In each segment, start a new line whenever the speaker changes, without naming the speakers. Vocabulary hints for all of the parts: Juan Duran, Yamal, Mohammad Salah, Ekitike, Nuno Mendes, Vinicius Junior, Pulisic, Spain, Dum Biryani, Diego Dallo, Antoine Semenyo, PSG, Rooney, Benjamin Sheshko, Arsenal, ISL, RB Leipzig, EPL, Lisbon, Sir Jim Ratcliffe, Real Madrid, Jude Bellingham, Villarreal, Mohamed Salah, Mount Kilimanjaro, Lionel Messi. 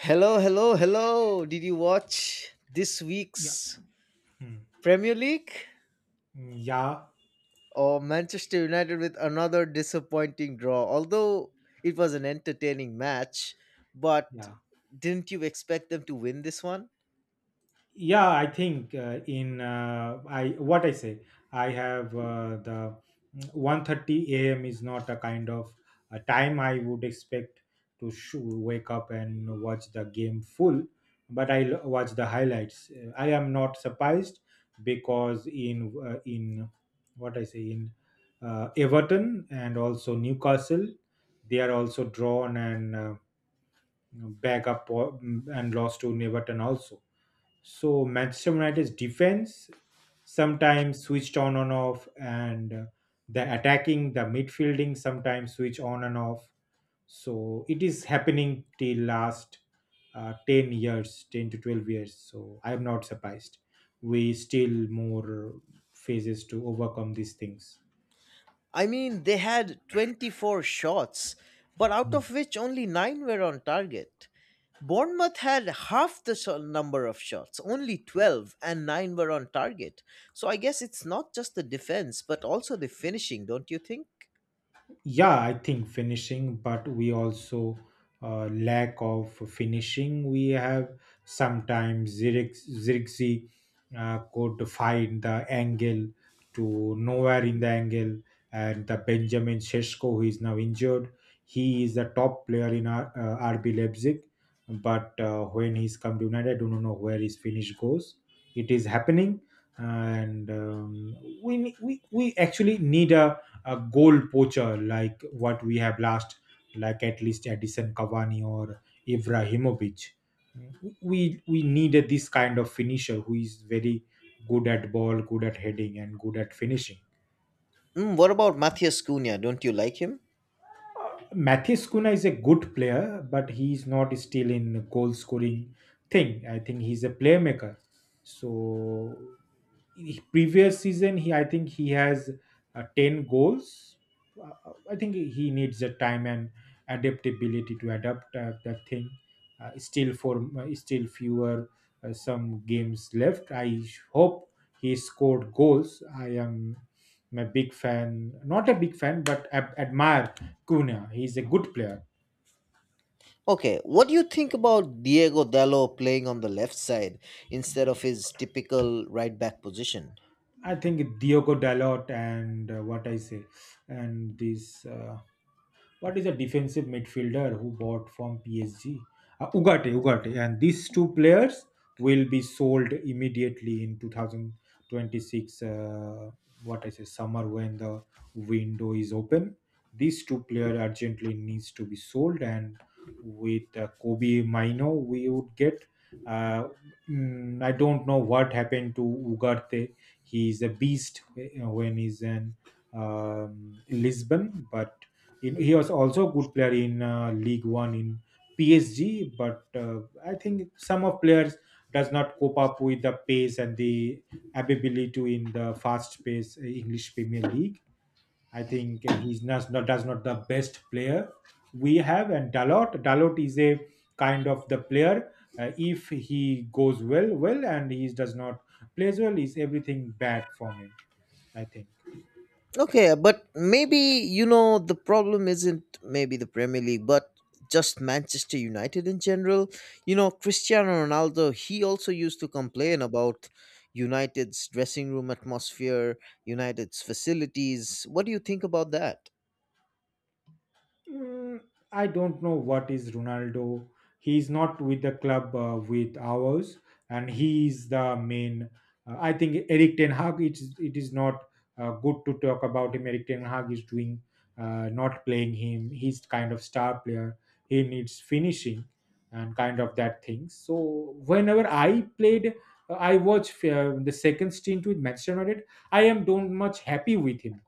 Hello, hello, hello. Did you watch this
Yeah
week's
Hmm.
Premier League
Yeah,
or Manchester United with another disappointing draw? Although it was an entertaining match, but
yeah,
didn't you expect them to win this one?
yeah. I think in I what I say. I have the 1:30 a.m. is not a kind of a time I would expect to wake up and watch the game full, but I watch the highlights. I am not surprised because in what I say in Everton and also Newcastle, they are also drawn and back up and lost to Everton also. So Manchester United's defense sometimes switched on and off, and the attacking, the midfielding sometimes switch on and off. So it is happening till last 10 years, 10 to 12 years. So I am not surprised. We still more phases to overcome these things.
I mean, they had 24 shots, but out of which only 9 were on target. Bournemouth had half the number of shots, only 12, and 9 were on target. So I guess it's not just the defense, but also the finishing, don't you think?
Yeah, I think finishing, but we also lack of finishing we have sometimes Zirxi could find the angle to nowhere in the angle, and the Benjamin Sheshko, who is now injured, he is a top player in RB Leipzig, but when he's come to United, I don't know where his finish goes. It is happening. And we, ne- we actually need a goal poacher like what we have last, like at least Edison Cavani or Ibrahimovic. We needed this kind of finisher who is very good at ball, good at heading, and good at finishing.
What about Matthias Cunha? Don't you like him?
Uh, Matthias Kuna is a good player, but he's not still in goal scoring thing. I think he's a playmaker. So previous season, he I think he has 10 goals. I think he needs the time and adaptability to adapt that thing. Still for still fewer, some games left. I hope he scored goals. I'm a big fan, not a big fan, but admire Cunha. He's a good player.
Okay, what do you think about Diego Dallo playing on the left side instead of his typical right back position?
I think Diogo Dalot and what I say, and this what is a defensive midfielder who bought from PSG? Ugarte, Ugarte. And these two players will be sold immediately in 2026, what I say, summer when the window is open. These two players urgently needs to be sold, and with Kobe Mino, we would get. Uh, I don't know what happened to Ugarte. He is a beast when he's in Lisbon, but he was also a good player in League One in PSG, but I think some of players does not cope up with the pace and the ability to in the fast pace English Premier League. I think he's not, does not the best player we have, and Dalot is a kind of the player. If he goes well, and he does not plays well, is everything bad for him. I think.
Okay, but maybe you know the problem isn't maybe the Premier League, but just Manchester United in general. You know, Cristiano Ronaldo, he also used to complain about United's dressing room atmosphere, United's facilities. What do you think about that?
Mm, I don't know what is Ronaldo. He's not with the club with ours, and he is the main. I think Eric Ten Hag. It is not good to talk about him. Eric Ten Hag is doing not playing him. He's kind of star player. He needs finishing and kind of that thing. So whenever I played, I watched the second stint with Manchester United. I am don't much happy with him.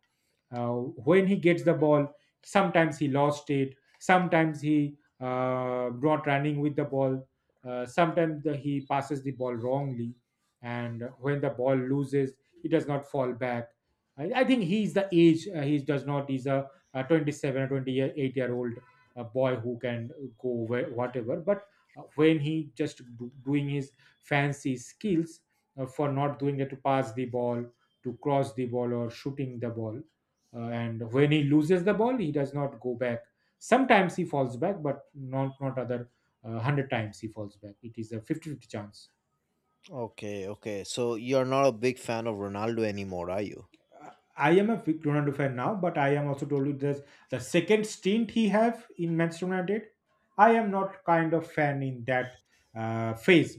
uh, when he gets the ball, sometimes he lost it, sometimes he brought running with the ball, sometimes he passes the ball wrongly, and when the ball loses, he does not fall back. I think he's the age. He does not, he's a 27 or 28-year-old boy who can go where, whatever, but when he just doing his fancy skills, for not doing it to pass the ball, to cross the ball, or shooting the ball, and when he loses the ball, he does not go back. Sometimes he falls back, but not other 100 times he falls back. It is a fifty-fifty chance.
Okay, okay. So you're not a big fan of Ronaldo anymore, are you?
Uh, I am a big Ronaldo fan now, but I am also told you this the second stint he have in Manchester United. I am not kind of fan in that phase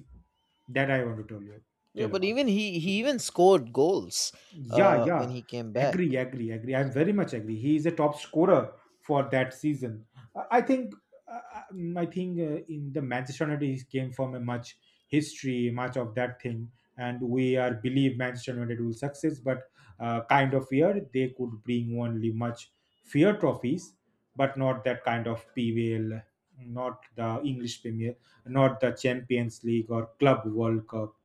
that I want to tell you
Yeah,
tell
but
about.
even he even scored goals
Yeah,
when
yeah.
he came back.
Agree, agree, agree. I'm very much agree. He is a top scorer for that season. I I think, I think in the Manchester United he came from a much history, much of that thing, and we are believe Manchester United will success. But kind of year they could bring only much fear trophies, but not that kind of PVL, not the English Premier, not the Champions League or Club World Cup,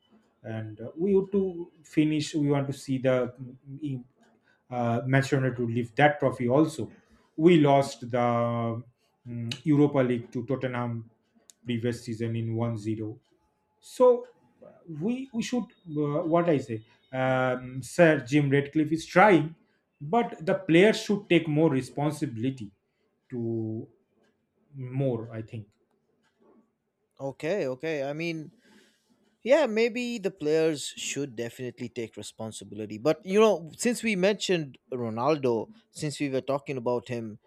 and we want to finish, we want to see the mm, Manchester United to lift that trophy also. We lost the Europa League to Tottenham previous season in 1-0. So uh, we should what I say Sir Jim Ratcliffe is trying, but the players should take more responsibility to more, I think.
Okay, okay. I mean, yeah, maybe the players should definitely take responsibility. But you know, since we mentioned Ronaldo, since we were talking about him,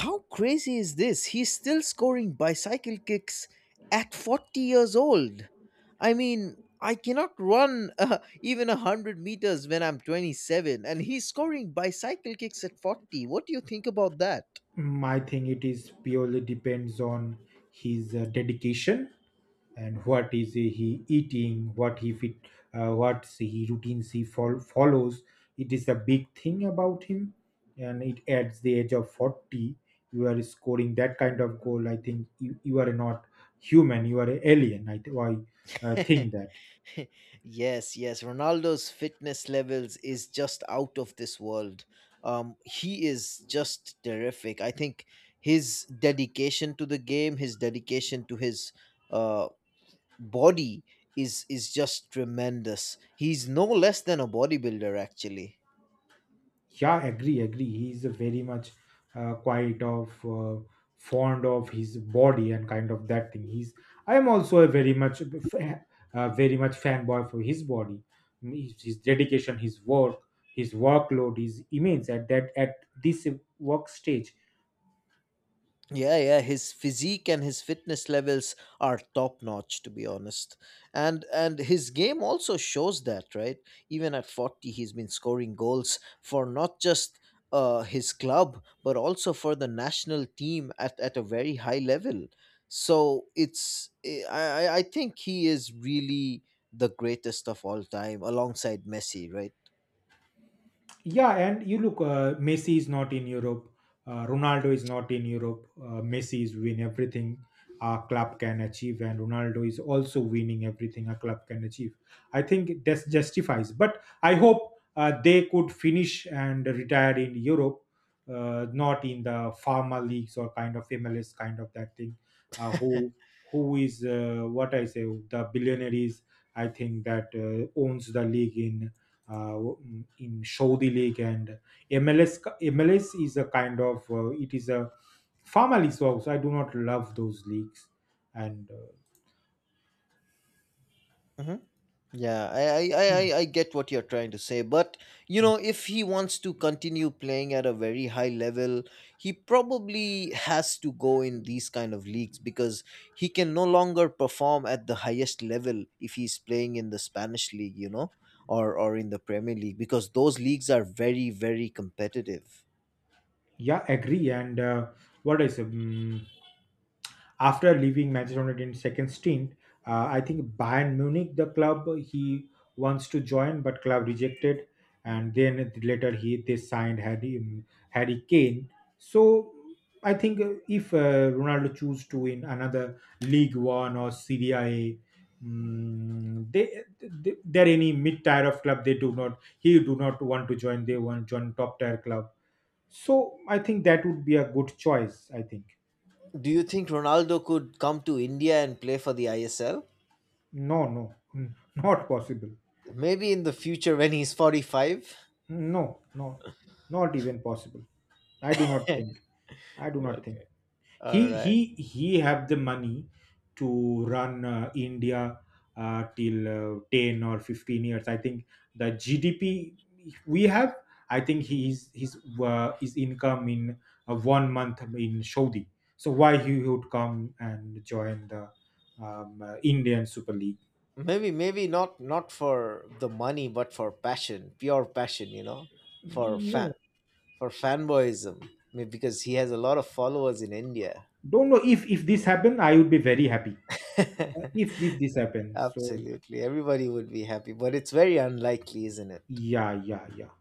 how crazy is this? He's still scoring bicycle kicks at 40 years old. I mean, I cannot run even 100 meters when I'm 27 and he's scoring bicycle kicks at 40. What do you think about that?
I think it is purely depends on his dedication and what is he eating, what he fit, what's he routines he follows. It is a big thing about him, and it at the age of 40 you are scoring that kind of goal. I think you are not human, you are an alien. I think that.
Yes, yes. Ronaldo's fitness levels is just out of this world. He is just terrific. I think his dedication to the game, his dedication to his uh, body is just tremendous. He's no less than a bodybuilder, actually.
Yeah, agree, agree. He's a very much quite of fond of his body and kind of that thing. He's. I am also a very much fanboy for his body. His dedication, his work, his workload is immense at that at this work stage.
Yeah, yeah, his physique and his fitness levels are top notch to be honest. And his game also shows that, right? Even at 40 he's been scoring goals for not just his club but also for the national team at a very high level. So it's eh, I think he is really the greatest of all time alongside Messi, right?
Yeah, and you look, Messi is not in Europe. Ronaldo is not in Europe. Messi is win everything a club can achieve, and Ronaldo is also winning everything a club can achieve. I think that justifies. But I hope they could finish and retire in Europe, not in the pharma leagues or kind of MLS kind of that thing. Uh, who who is what I say, the billionaires? I think that owns the league in Saudi League and MLS. MLS is a kind of it is a farmer league, so I do not love those leagues. And
Mm-hmm. Yeah, I, I, I,
mm,
I I get what you're trying to say, but you
mm,
know, if he wants to continue playing at a very high level, he probably has to go in these kind of leagues because he can no longer perform at the highest level if he's playing in the Spanish league, or in the Premier League because those leagues are very, very competitive.
yeah, agree. And what is after leaving Manchester United in second stint, I think Bayern Munich, the club he wants to join, but club rejected, and then later he they signed Harry Kane. So I think if Ronaldo choose to win another League One or Serie A, they there any mid tier of club they do not, he do not want to join. They want join top tier club. So I think that would be a good choice. I think.
Do you think Ronaldo could come to India and play for the ISL?
No, no, not possible.
Maybe in the future when he's 45?
No, no, not even possible. I do not think. I do
Yeah,
not think
okay. All
he
right.
he he have the money to run India till 10 or 15 years. I think the GDP we have. I think he is his income in 1 month in Saudi. So why he would come and join the Indian Super League?
Maybe not for the money, but for passion, pure passion, for fan
No,
for fanboyism, maybe because he has a lot of followers in India.
don't know if this happen I would be very happy. If this happens, so
Absolutely, everybody would be happy, but it's very unlikely, isn't it?
yeah, yeah, yeah.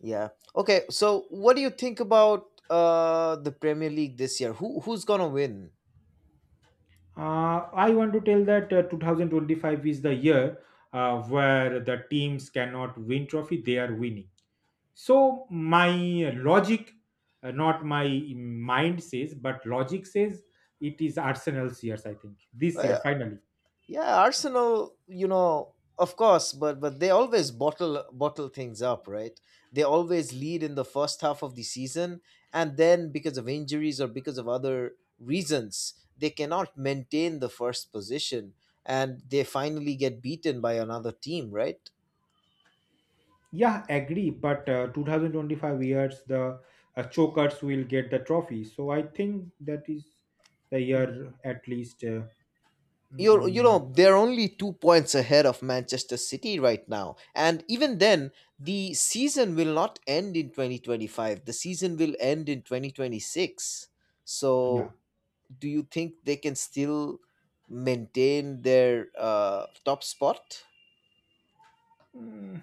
Yeah. Okay, so what do you think about the Premier League this year? Who's gonna win?
uh, I want to tell that 2025 is the year where the teams cannot win trophy they are winning. So my logic, not my mind says but logic says, it is Arsenal's years, I think, this year
I,
finally.
Yeah, Arsenal, you know, of course, but they always bottle things up, right? They always lead in the first half of the season and then because of injuries or because of other reasons, they cannot maintain the first position and they finally get beaten by another team, right?
Yeah, agree. But 2025 years, the chokers will get the trophy. So I think that is the year at least.
you're you
Mm,
know they're only 2 points ahead of Manchester City right now, and even then, the season will not end in 2025. The season will end in 2026.
yeah.
So do you think they can still maintain their top spot?
Mm,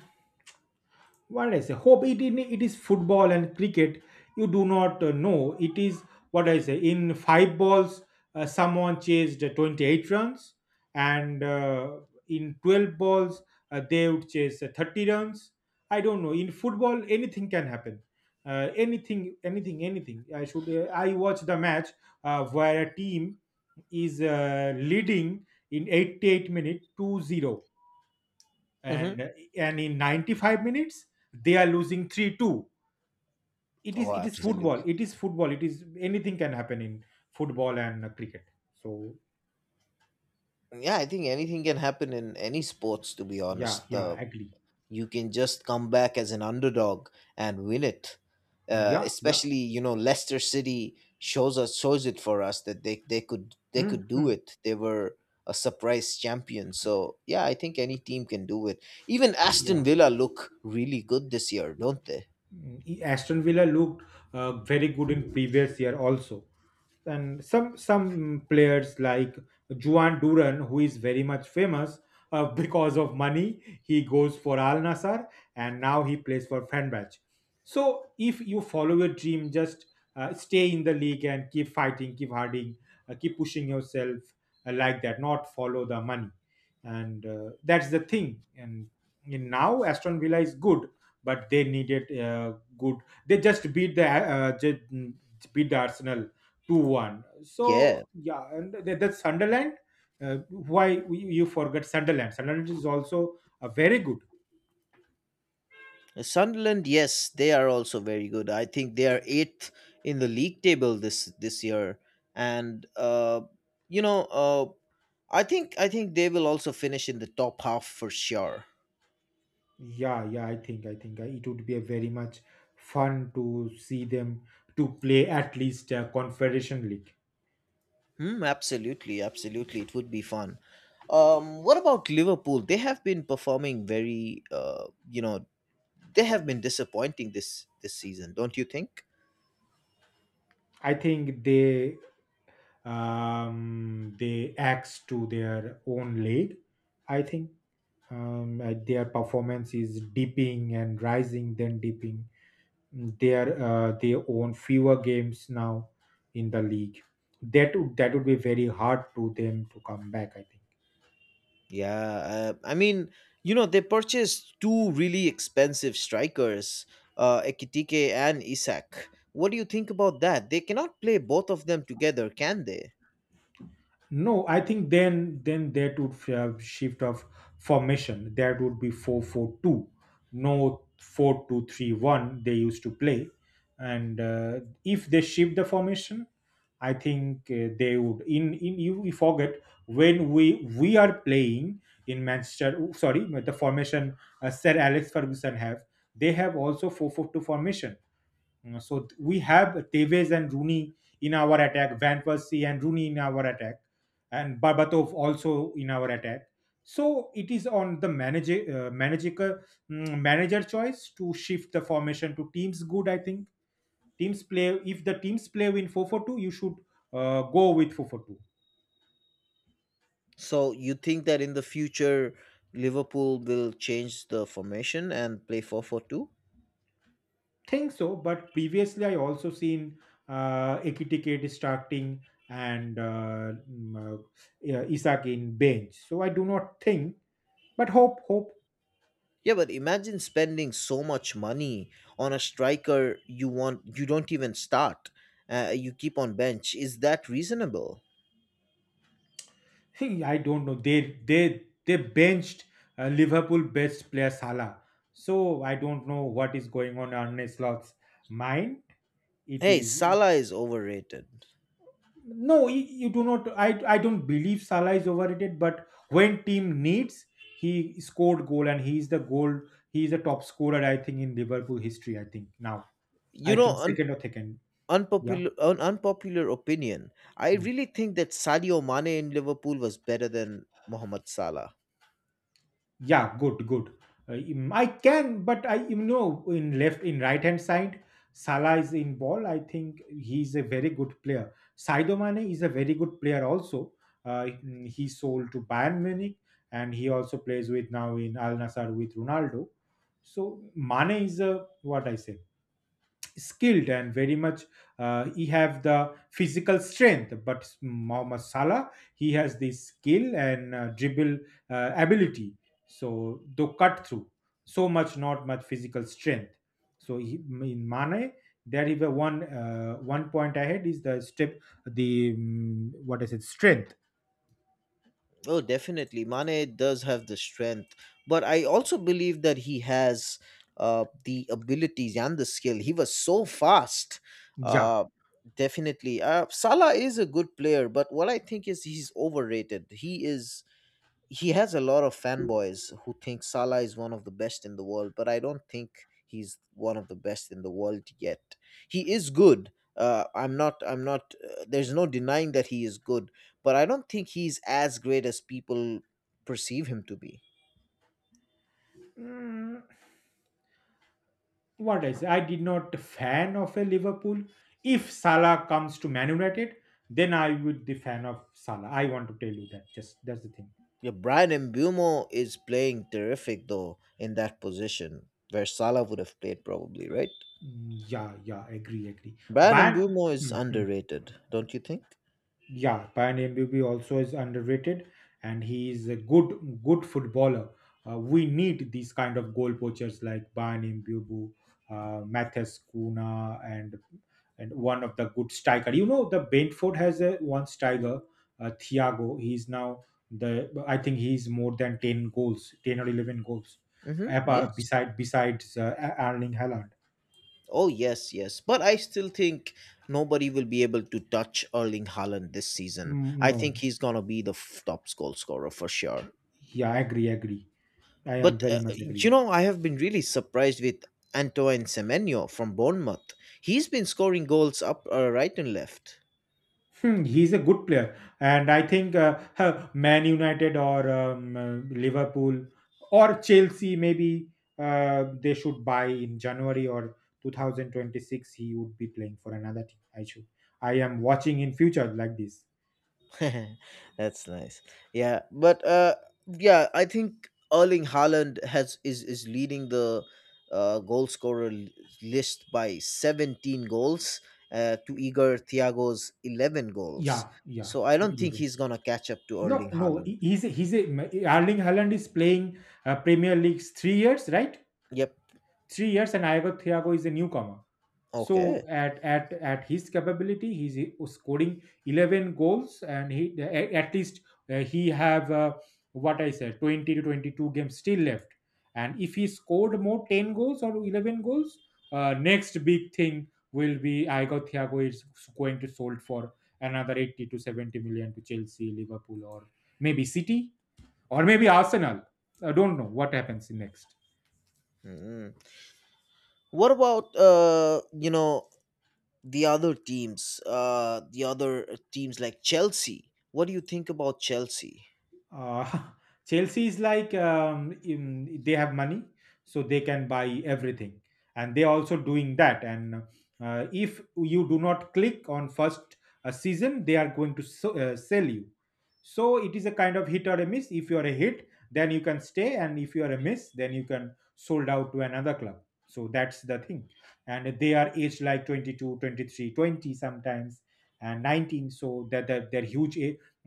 what did I say? Hope it in it is football and cricket. You do not know, it is what I say. In five balls, someone chased 28 runs, and in 12 balls, they would chase 30 runs. I don't know. In football, anything can happen. Anything, anything, anything. I should. I watched the match where a team is leading in 88 minutes 2-0,
Hmm.
and and in 95 minutes they are losing 3-2. it is
Oh,
it is football,
absolutely.
it is football, it is anything can happen in football and cricket, so
Yeah, I think anything can happen in any sports to be
yeah,
honest.
yeah,
the
agree.
you can just come back as an underdog and win it. Uh,
Yeah, yeah.
especially, you know, Leicester City shows it for us that they could they
Hmm,
could do
hmm.
it. They were a surprise champion. So yeah, I think any team can do it. Even Aston
Yeah.
Villa look really good this year, don't they?
Aston Villa looked very good in previous year also, and some players like Juan Duran, who is very much famous because of money, he goes for Al Nassr and now he plays for Fenerbahce. So if you follow your dream, just stay in the league and keep fighting, keep harding, keep pushing yourself, like that. Not follow the money, and that's the thing. And in now Aston Villa is good, but they needed good. They just beat the Arsenal 2-1.
Yeah.
So yeah, and that's Sunderland. Why you forget Sunderland? Sunderland is also a very good.
Sunderland, yes, they are also very good. I think they are eighth in the league table this year, and you know, uh, I think they will also finish in the top half for sure.
Yeah, yeah. I think it would be a very much fun to see them to play at least Confederation League.
Hmm, absolutely, absolutely, it would be fun. What about Liverpool? They have been performing you know, they have been disappointing this season, don't you think?
I think they axe to their own league. I think their performance is dipping and rising, then dipping. They own fewer games now in the league. That would be very hard to them to come back. I think.
Yeah, I mean, they purchased two really expensive strikers, Ekitike and Isak. What do you think about that? They cannot play both of them together, can they?
No, I think then that would have shift of formation. That would be 4-4-2, no 4-2-3-1 they used to play. And if they shift the formation, I think they would. In you we forget when we are playing in Manchester. Oh, sorry, the formation, Sir Alex Ferguson have. They have also 4-4-2 formation. So we have Tevez and Rooney in our attack, Van Persie and Rooney in our attack, and Barbatov also in our attack. So it is on the manager choice to shift the formation to teams. Good, I think teams play if the teams play in 442, you should go with 442.
So you think that in the future, Liverpool will change the formation and play 4-4-2?
Think so, but previously I also seen Ekitike starting, and yeah, Isak in bench, so I do not think. But hope, hope.
Yeah, but imagine spending so much money on a striker you don't even start. You keep on bench. Is that reasonable?
See, I don't know. They benched Liverpool best player, Salah. So I don't know what is going on Slot's mind. It
Hey,
is.
Salah is overrated.
No, you, do not. I don't believe Salah is overrated. But when team needs, he scored goal and he is the goal. He is the top scorer, I think, in Liverpool history. I think now. I
You know,
think second or second. Yeah.
unpopular opinion. I
Hmm.
really think that Sadio Mane in Liverpool was better than Mohamed Salah.
Yeah, good, good. I can, but I in left in right hand side, Salah is in ball. I think he's a very good player. Saido Mane is a very good player also. He sold to Bayern Munich, and he also plays with now in Al Nassr with Ronaldo. So Mane is, a what I say, skilled and very much he have the physical strength, but Mohammad Salah, he has the skill and dribble ability, so the cut through, so much not much physical strength, so he, in Mane, there is a one point ahead is the step, the what is it, strength.
Oh, definitely, Mane does have the strength, but I also believe that he has the abilities and the skill. He was so fast.
Yeah.
Uh, definitely, Salah is a good player, but what I think is he's overrated. He has a lot of fanboys who think Salah is one of the best in the world, but I don't think he's one of the best in the world yet. He is good. I'm not. I'm not. There's no denying that he is good, but I don't think he's as great as people perceive him to be.
Mm, what I say, I did not fan of a Liverpool. If Salah comes to Man United, then I would be fan of Salah. I want to tell you that. Just that's the thing.
Yeah, Brian Mbumo is playing terrific though in that position where Salah would have played probably, right?
Mm, yeah, yeah, agree, agree.
Brian
Bayern,
Mbumo is underrated, don't you think?
yeah, Pioneer Mbubi also is underrated, and he is a good good footballer. We need these kind of goal poachers like Pioneer Mbubu, Mathis Kuna, and one of the good striker. The Brentford has a one striker, Thiago. He's now the I think he's more than 10 goals, 10 or 11 goals.
Mm-hmm.
Apa
Yes.
besides Erling Haaland.
Oh yes, yes, but I still think nobody will be able to touch Erling Haaland this season.
Mm,
I
no,
think he's gonna be the top goal scorer for sure.
yeah, I agree, agree. I am
But
very much agree.
I have been really surprised with Antoine Semenyo from Bournemouth. He's been scoring goals up right and left.
Hmm, he's a good player, and I think Man United or Liverpool or Chelsea maybe they should buy in January or 2026. He would be playing for another team. I should. I am watching in future like this.
That's nice. Yeah, but yeah, I think Erling Haaland has is leading the goal scorer list by 17 goals to Igor Thiago's 11 goals.
Yeah, yeah.
So I
So
don't think
11.
he's gonna catch up to
No,
Erling
no.
Haaland.
he- he's a Erling Haaland is playing Premier League's 3 years, right?
Yep.
3 years, and Iago Thiago is a newcomer.
Okay.
So at his capability, he's scoring 11 goals, and he at least he have what I said 20 to 22 games still left. And if he scored more 10 goals or 11 goals, next big thing will be Iago Thiago is going to sold for another 80 to 70 million to Chelsea, Liverpool, or maybe City, or maybe Arsenal. I don't know what happens next.
Mm. What about the other teams like Chelsea? What do you think about Chelsea?
Uh, Chelsea is like they have money, so they can buy everything, and they are also doing that. And if you do not click on first season, they are going to s sell you. So it is a kind of hit or a miss. If you are a hit, then you can stay, and if you are a miss, then you can sold out to another club. So that's the thing. And they are aged like 22, 23, 20 sometimes, and 19. So that they're huge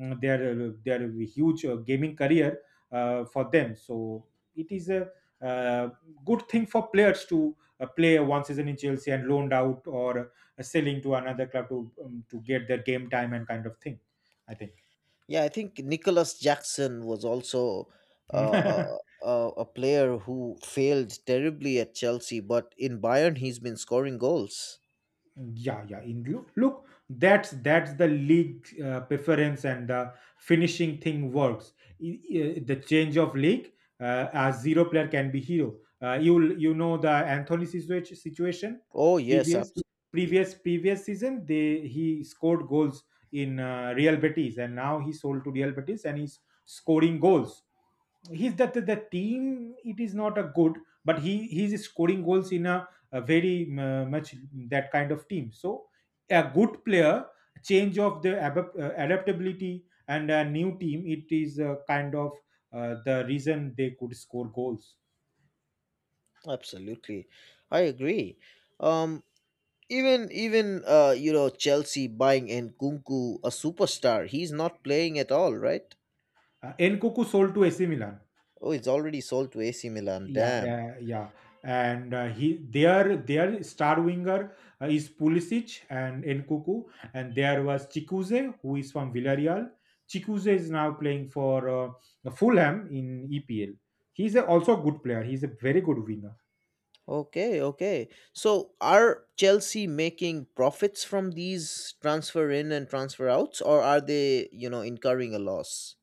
their huge gaming career for them. So it is a uh, good thing for players to play one season in Chelsea and loaned out or selling to another club to get their game time and kind of thing. I think.
Yeah, I think Nicholas Jackson was also uh, a player who failed terribly at Chelsea, but in Bayern, he's been scoring goals.
Yeah, yeah. In Look, look, that's the league preference and the finishing thing works. The change of league, a zero player can be hero. You know the Anthony situation.
Oh yes,
previous
absolutely,
previous previous season, they he scored goals in Real Betis, and now he sold to Real Betis and he's scoring goals. He's that, the team, it is not a good, but he's scoring goals in a very much that kind of team. So, a good player, change of the adaptability and a new team, it is a kind of the reason they could score goals.
absolutely, I agree. Um, even Chelsea buying Nkunku, a superstar, he's not playing at all, right?
Nkunku sold to AC Milan.
Oh, it's already sold to AC Milan.
Yeah,
Damn.
yeah, yeah. And he their star winger is Pulisic and Nkuku, and there was Chikuze who is from Villarreal. Chikuze is now playing for Fulham in EPL. He's also a good player. He's a very good winger.
Okay, okay. So are Chelsea making profits from these transfer in and transfer outs, or are they incurring a loss?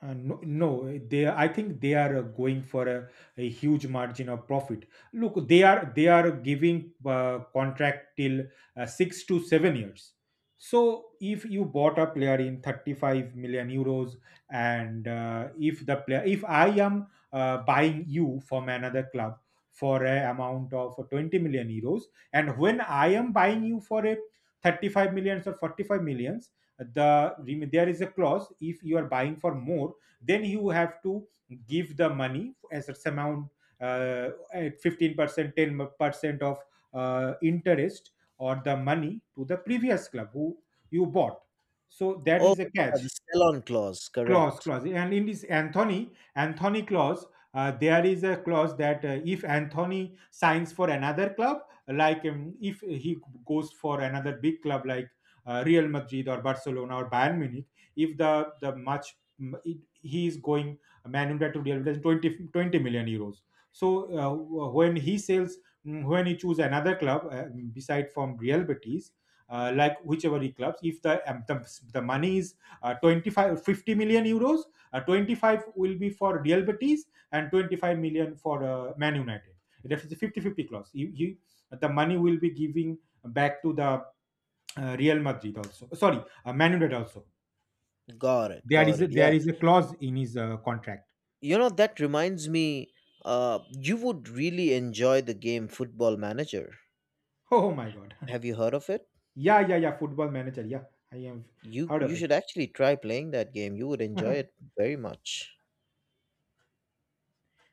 No, no, they. I think they are going for a huge margin of profit. Look, they are giving contract till 6 to 7 years. So if you bought a player in €35 million, and if the player, if I am buying you from another club for a amount of €20 million, and when I am buying you for a 35 millions or 45 millions, there is a clause. If you are buying for more, then you have to give the money as a amount, at 15%, 10% of interest, or the money to the previous club who you bought. So that
Oh,
is a
yeah, the
catch.
sell-on clause,
clause
correct.
clause And in this anthony Anthony clause, there is a clause that if Anthony signs for another club, like if he goes for another big club like Real Madrid or Barcelona or Bayern Munich. If the much it, he is going Man United to Real Madrid 20 20 million euros. So uh, when he sells, when he choose another club, beside from Real Betis, like whichever he clubs. If the money is 25, €50 million, 25 will be for Real Betis and 25 million for Man United. That is a 50-50 clause. You, the money will be giving back to the Real Madrid also, sorry, Man United also.
Got it,
there
got
is a,
it. Yeah.
there is a clause in his contract.
You know, that reminds me, you would really enjoy the game Football Manager.
Oh my god.
Have you heard of it?
Yeah, yeah, yeah, Football Manager. Yeah, I have
You
heard
you
of
should
it.
actually try playing that game. You would enjoy it very much.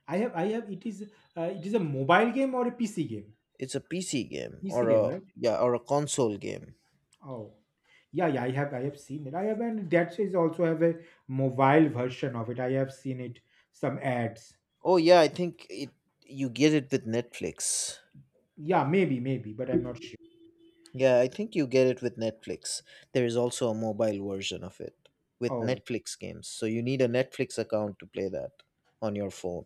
I have. It is a mobile game or a PC game.
It's a PC game,
pc
or
game
a
right?
yeah, or a console game.
Oh, yeah, yeah. I have seen it. I have, and that is also have a mobile version of it. I have seen it some ads.
Oh yeah, I think it you get it with Netflix.
Yeah, maybe, maybe, but I'm not sure.
Yeah, I think you get it with Netflix. There is also a mobile version of it with
Oh,
Netflix games. So you need a Netflix account to play that on your phone.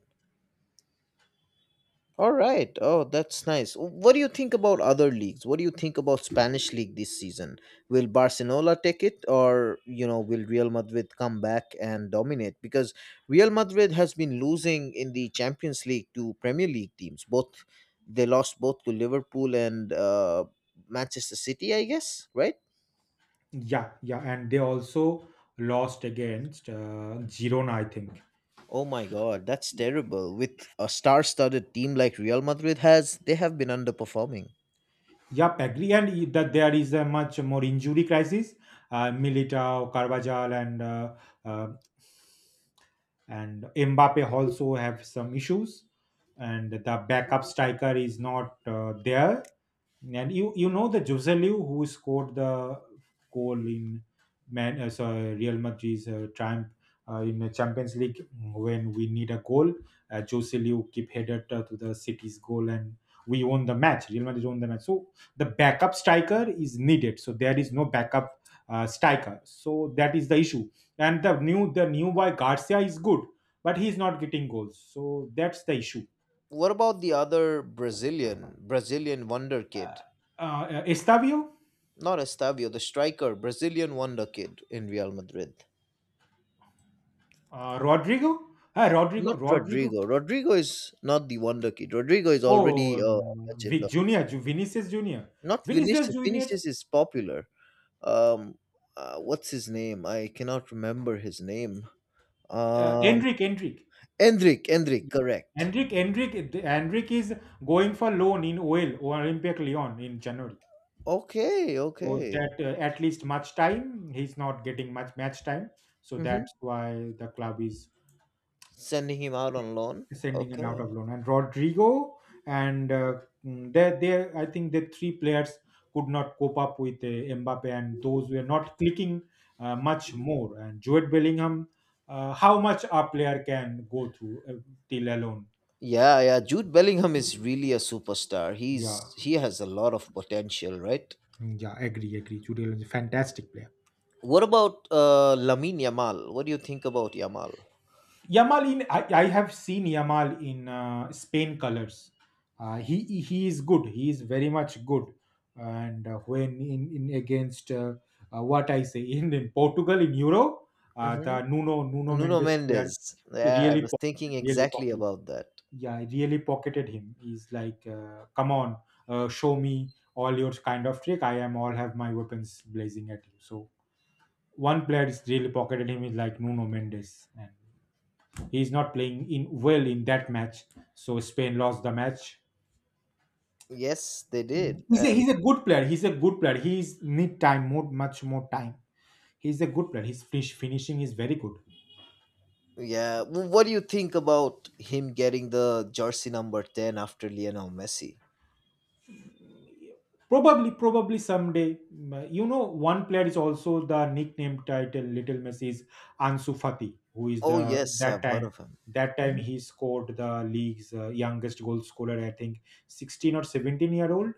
All right. Oh, that's nice. What do you think about other leagues? What do you think about Spanish league this season? Will Barcelona take it or will Real Madrid come back and dominate because Real Madrid has been losing in the Champions League to Premier League teams. Both they lost both to Liverpool and Manchester City, I guess, right?
yeah, yeah. And they also lost against Girona, I think.
Oh my god, that's terrible. With a star-studded team like Real Madrid has, they have been underperforming.
Yep, agree. And that there is a much more injury crisis. Militao, Carvajal, and uh, and Mbappe also have some issues, and the backup striker is not there. And you know the Jose Liu who scored the goal in Man, sorry, Real Madrid's triumph in the Champions League when we need a goal. Jose Liu keep headed to the City's goal, and we won the match. Real Madrid won the match. So the backup striker is needed. So there is no backup striker. So that is the issue. And the new boy Garcia is good, but he's not getting goals. So that's the issue.
What about the other Brazilian wonder kid?
Uh, Estavio.
Not Estavio, the striker, Brazilian wonder kid in Real Madrid.
Rodrigo? Ah, Rodrigo,
Not
Rodrigo.
Rodrigo. Rodrigo is not the wonder kid. Rodrigo is already a legend.
Vinicius Junior,
Not
Vinicius
Vinicius.
Junior,
Vinicius is popular. Um, what's his name? I cannot remember his name.
uh,
Um,
Endrick, Endrick,
Endrick. Endrick. Correct.
Endrick, Endrick, Endrick is going for loan in OL or Olympic Lyon in January.
Okay.
So
Okay.
that at least much time he's not getting much match time. So
Hmm.
that's why the club is
Sending him out on loan.
sending and out
Okay.
of loan and rodrigo and they I think the three players could not cope up with mbappe and those were not clicking much more and Jude bellingham how much a player can go through till alone.
Yeah, yeah. Jude Bellingham is really a superstar.
Yeah.
He has a lot of potential, right?
Yeah, agree, Jude Bellingham is a fantastic player.
What about Lamine Yamal? What do you think about Yamal?
Yamal in I have seen Yamal in Spain colors. He is good. He is very much good. And when in against what I say in Portugal in Euro,
Hmm.
the Nuno
Nuno
Mendes player
Mendes. Yeah, I
really
was thinking
pocketed, really
exactly
pocketed.
about that.
Yeah, he really pocketed him. He's like, come on, show me all your kind of trick. I am all have my weapons blazing at you. So one player is really pocketed him is like Nuno Mendes, and he's not playing in well in that match. So Spain lost the match.
Yes, they
Mm.
did. And
He's a good player. He's a good player. He's need time more, much more time. He's a good player. His finishing is very good.
yeah, what do you think about him getting the jersey number 10 after Lionel Messi?
Probably, probably someday. Mm, you know, one player is also the nickname title. Little Messi is Ansu Fati, who is
Oh,
the
yes,
that
I've heard
time.
of him.
That time
Mhm.
he scored the league's youngest goal scorer. I think 16 or 17 year old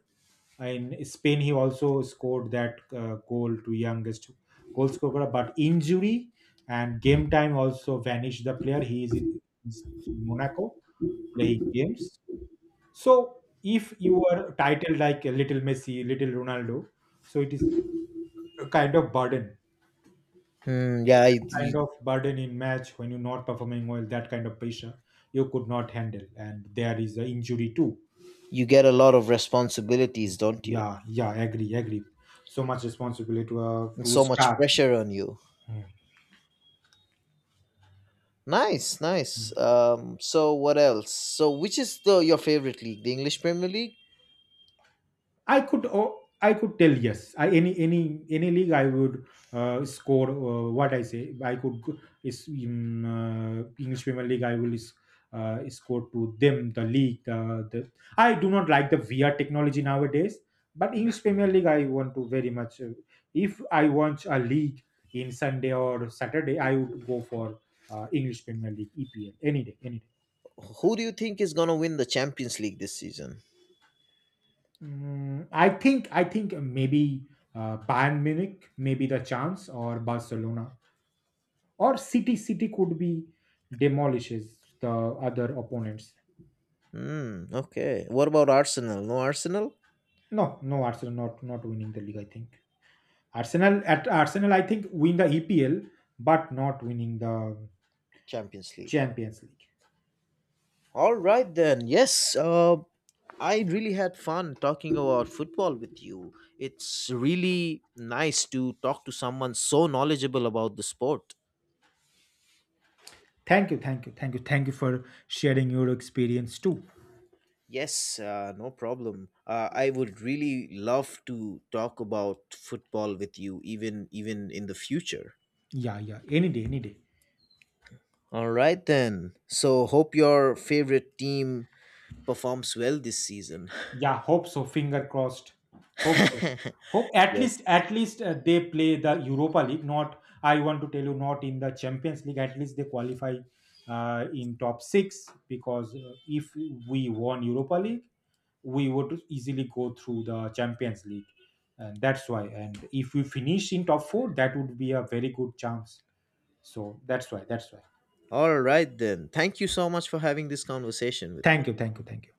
in Spain, he also scored that goal to youngest goal scorer, but injury and game time also vanished the player. He is in Monaco playing games. So if you are titled like a little Messi, little Ronaldo, so it is a kind of burden.
Hmm,
So
yeah, you,
that kind
you
of burden in match when you're not performing well, that kind of pressure you could not handle, and there is an injury too.
you get
So,
a lot of responsibilities, don't you?
yeah, yeah, agree. So much responsibility to a
And
to a
so much
star.
pressure on you.
Hmm.
Nice, nice. So what else? So which is the your favorite league? The English Premier League?
I could tell yes. I any league I would score what I say. I could go- is in English Premier League score to them the league the I do not like the VR technology nowadays. But English Premier League I want to very much. If I want a league in Sunday or Saturday, I would go for English Premier League EPL, any day, any day.
Who do you think is gonna win the Champions League this season?
I think I think maybe Bayern Munich, maybe the chance, or Barcelona, or City. City could be demolishes the other opponents.
Hmm, okay. What about Arsenal? No Arsenal?
No, no, Arsenal not not winning the league. I think Arsenal, I think, win the EPL, but not winning the
Champions League.
Champions League.
All right then. Yes, I really had fun talking about football with you. It's really nice to talk to someone so knowledgeable about the sport.
Thank you, thank you, thank you, thank you for sharing your experience too.
Yes, no problem. I would really love to talk about football with you, even in the future.
Yeah, yeah, any day, any day.
All right then. So hope your favorite team performs well this season.
Yeah, hope so. Finger crossed. Hope so. Hope
Yes.
at least they play the Europa League. Not I want to tell you, not in the Champions League. At least they qualify in top six because if we won Europa League, we would easily go through the Champions League, and that's why. And if we finish in top four, that would be a very good chance. So that's why. That's why.
All right then. Thank you so much for having this conversation with me.
Thank you. Thank you. Thank you.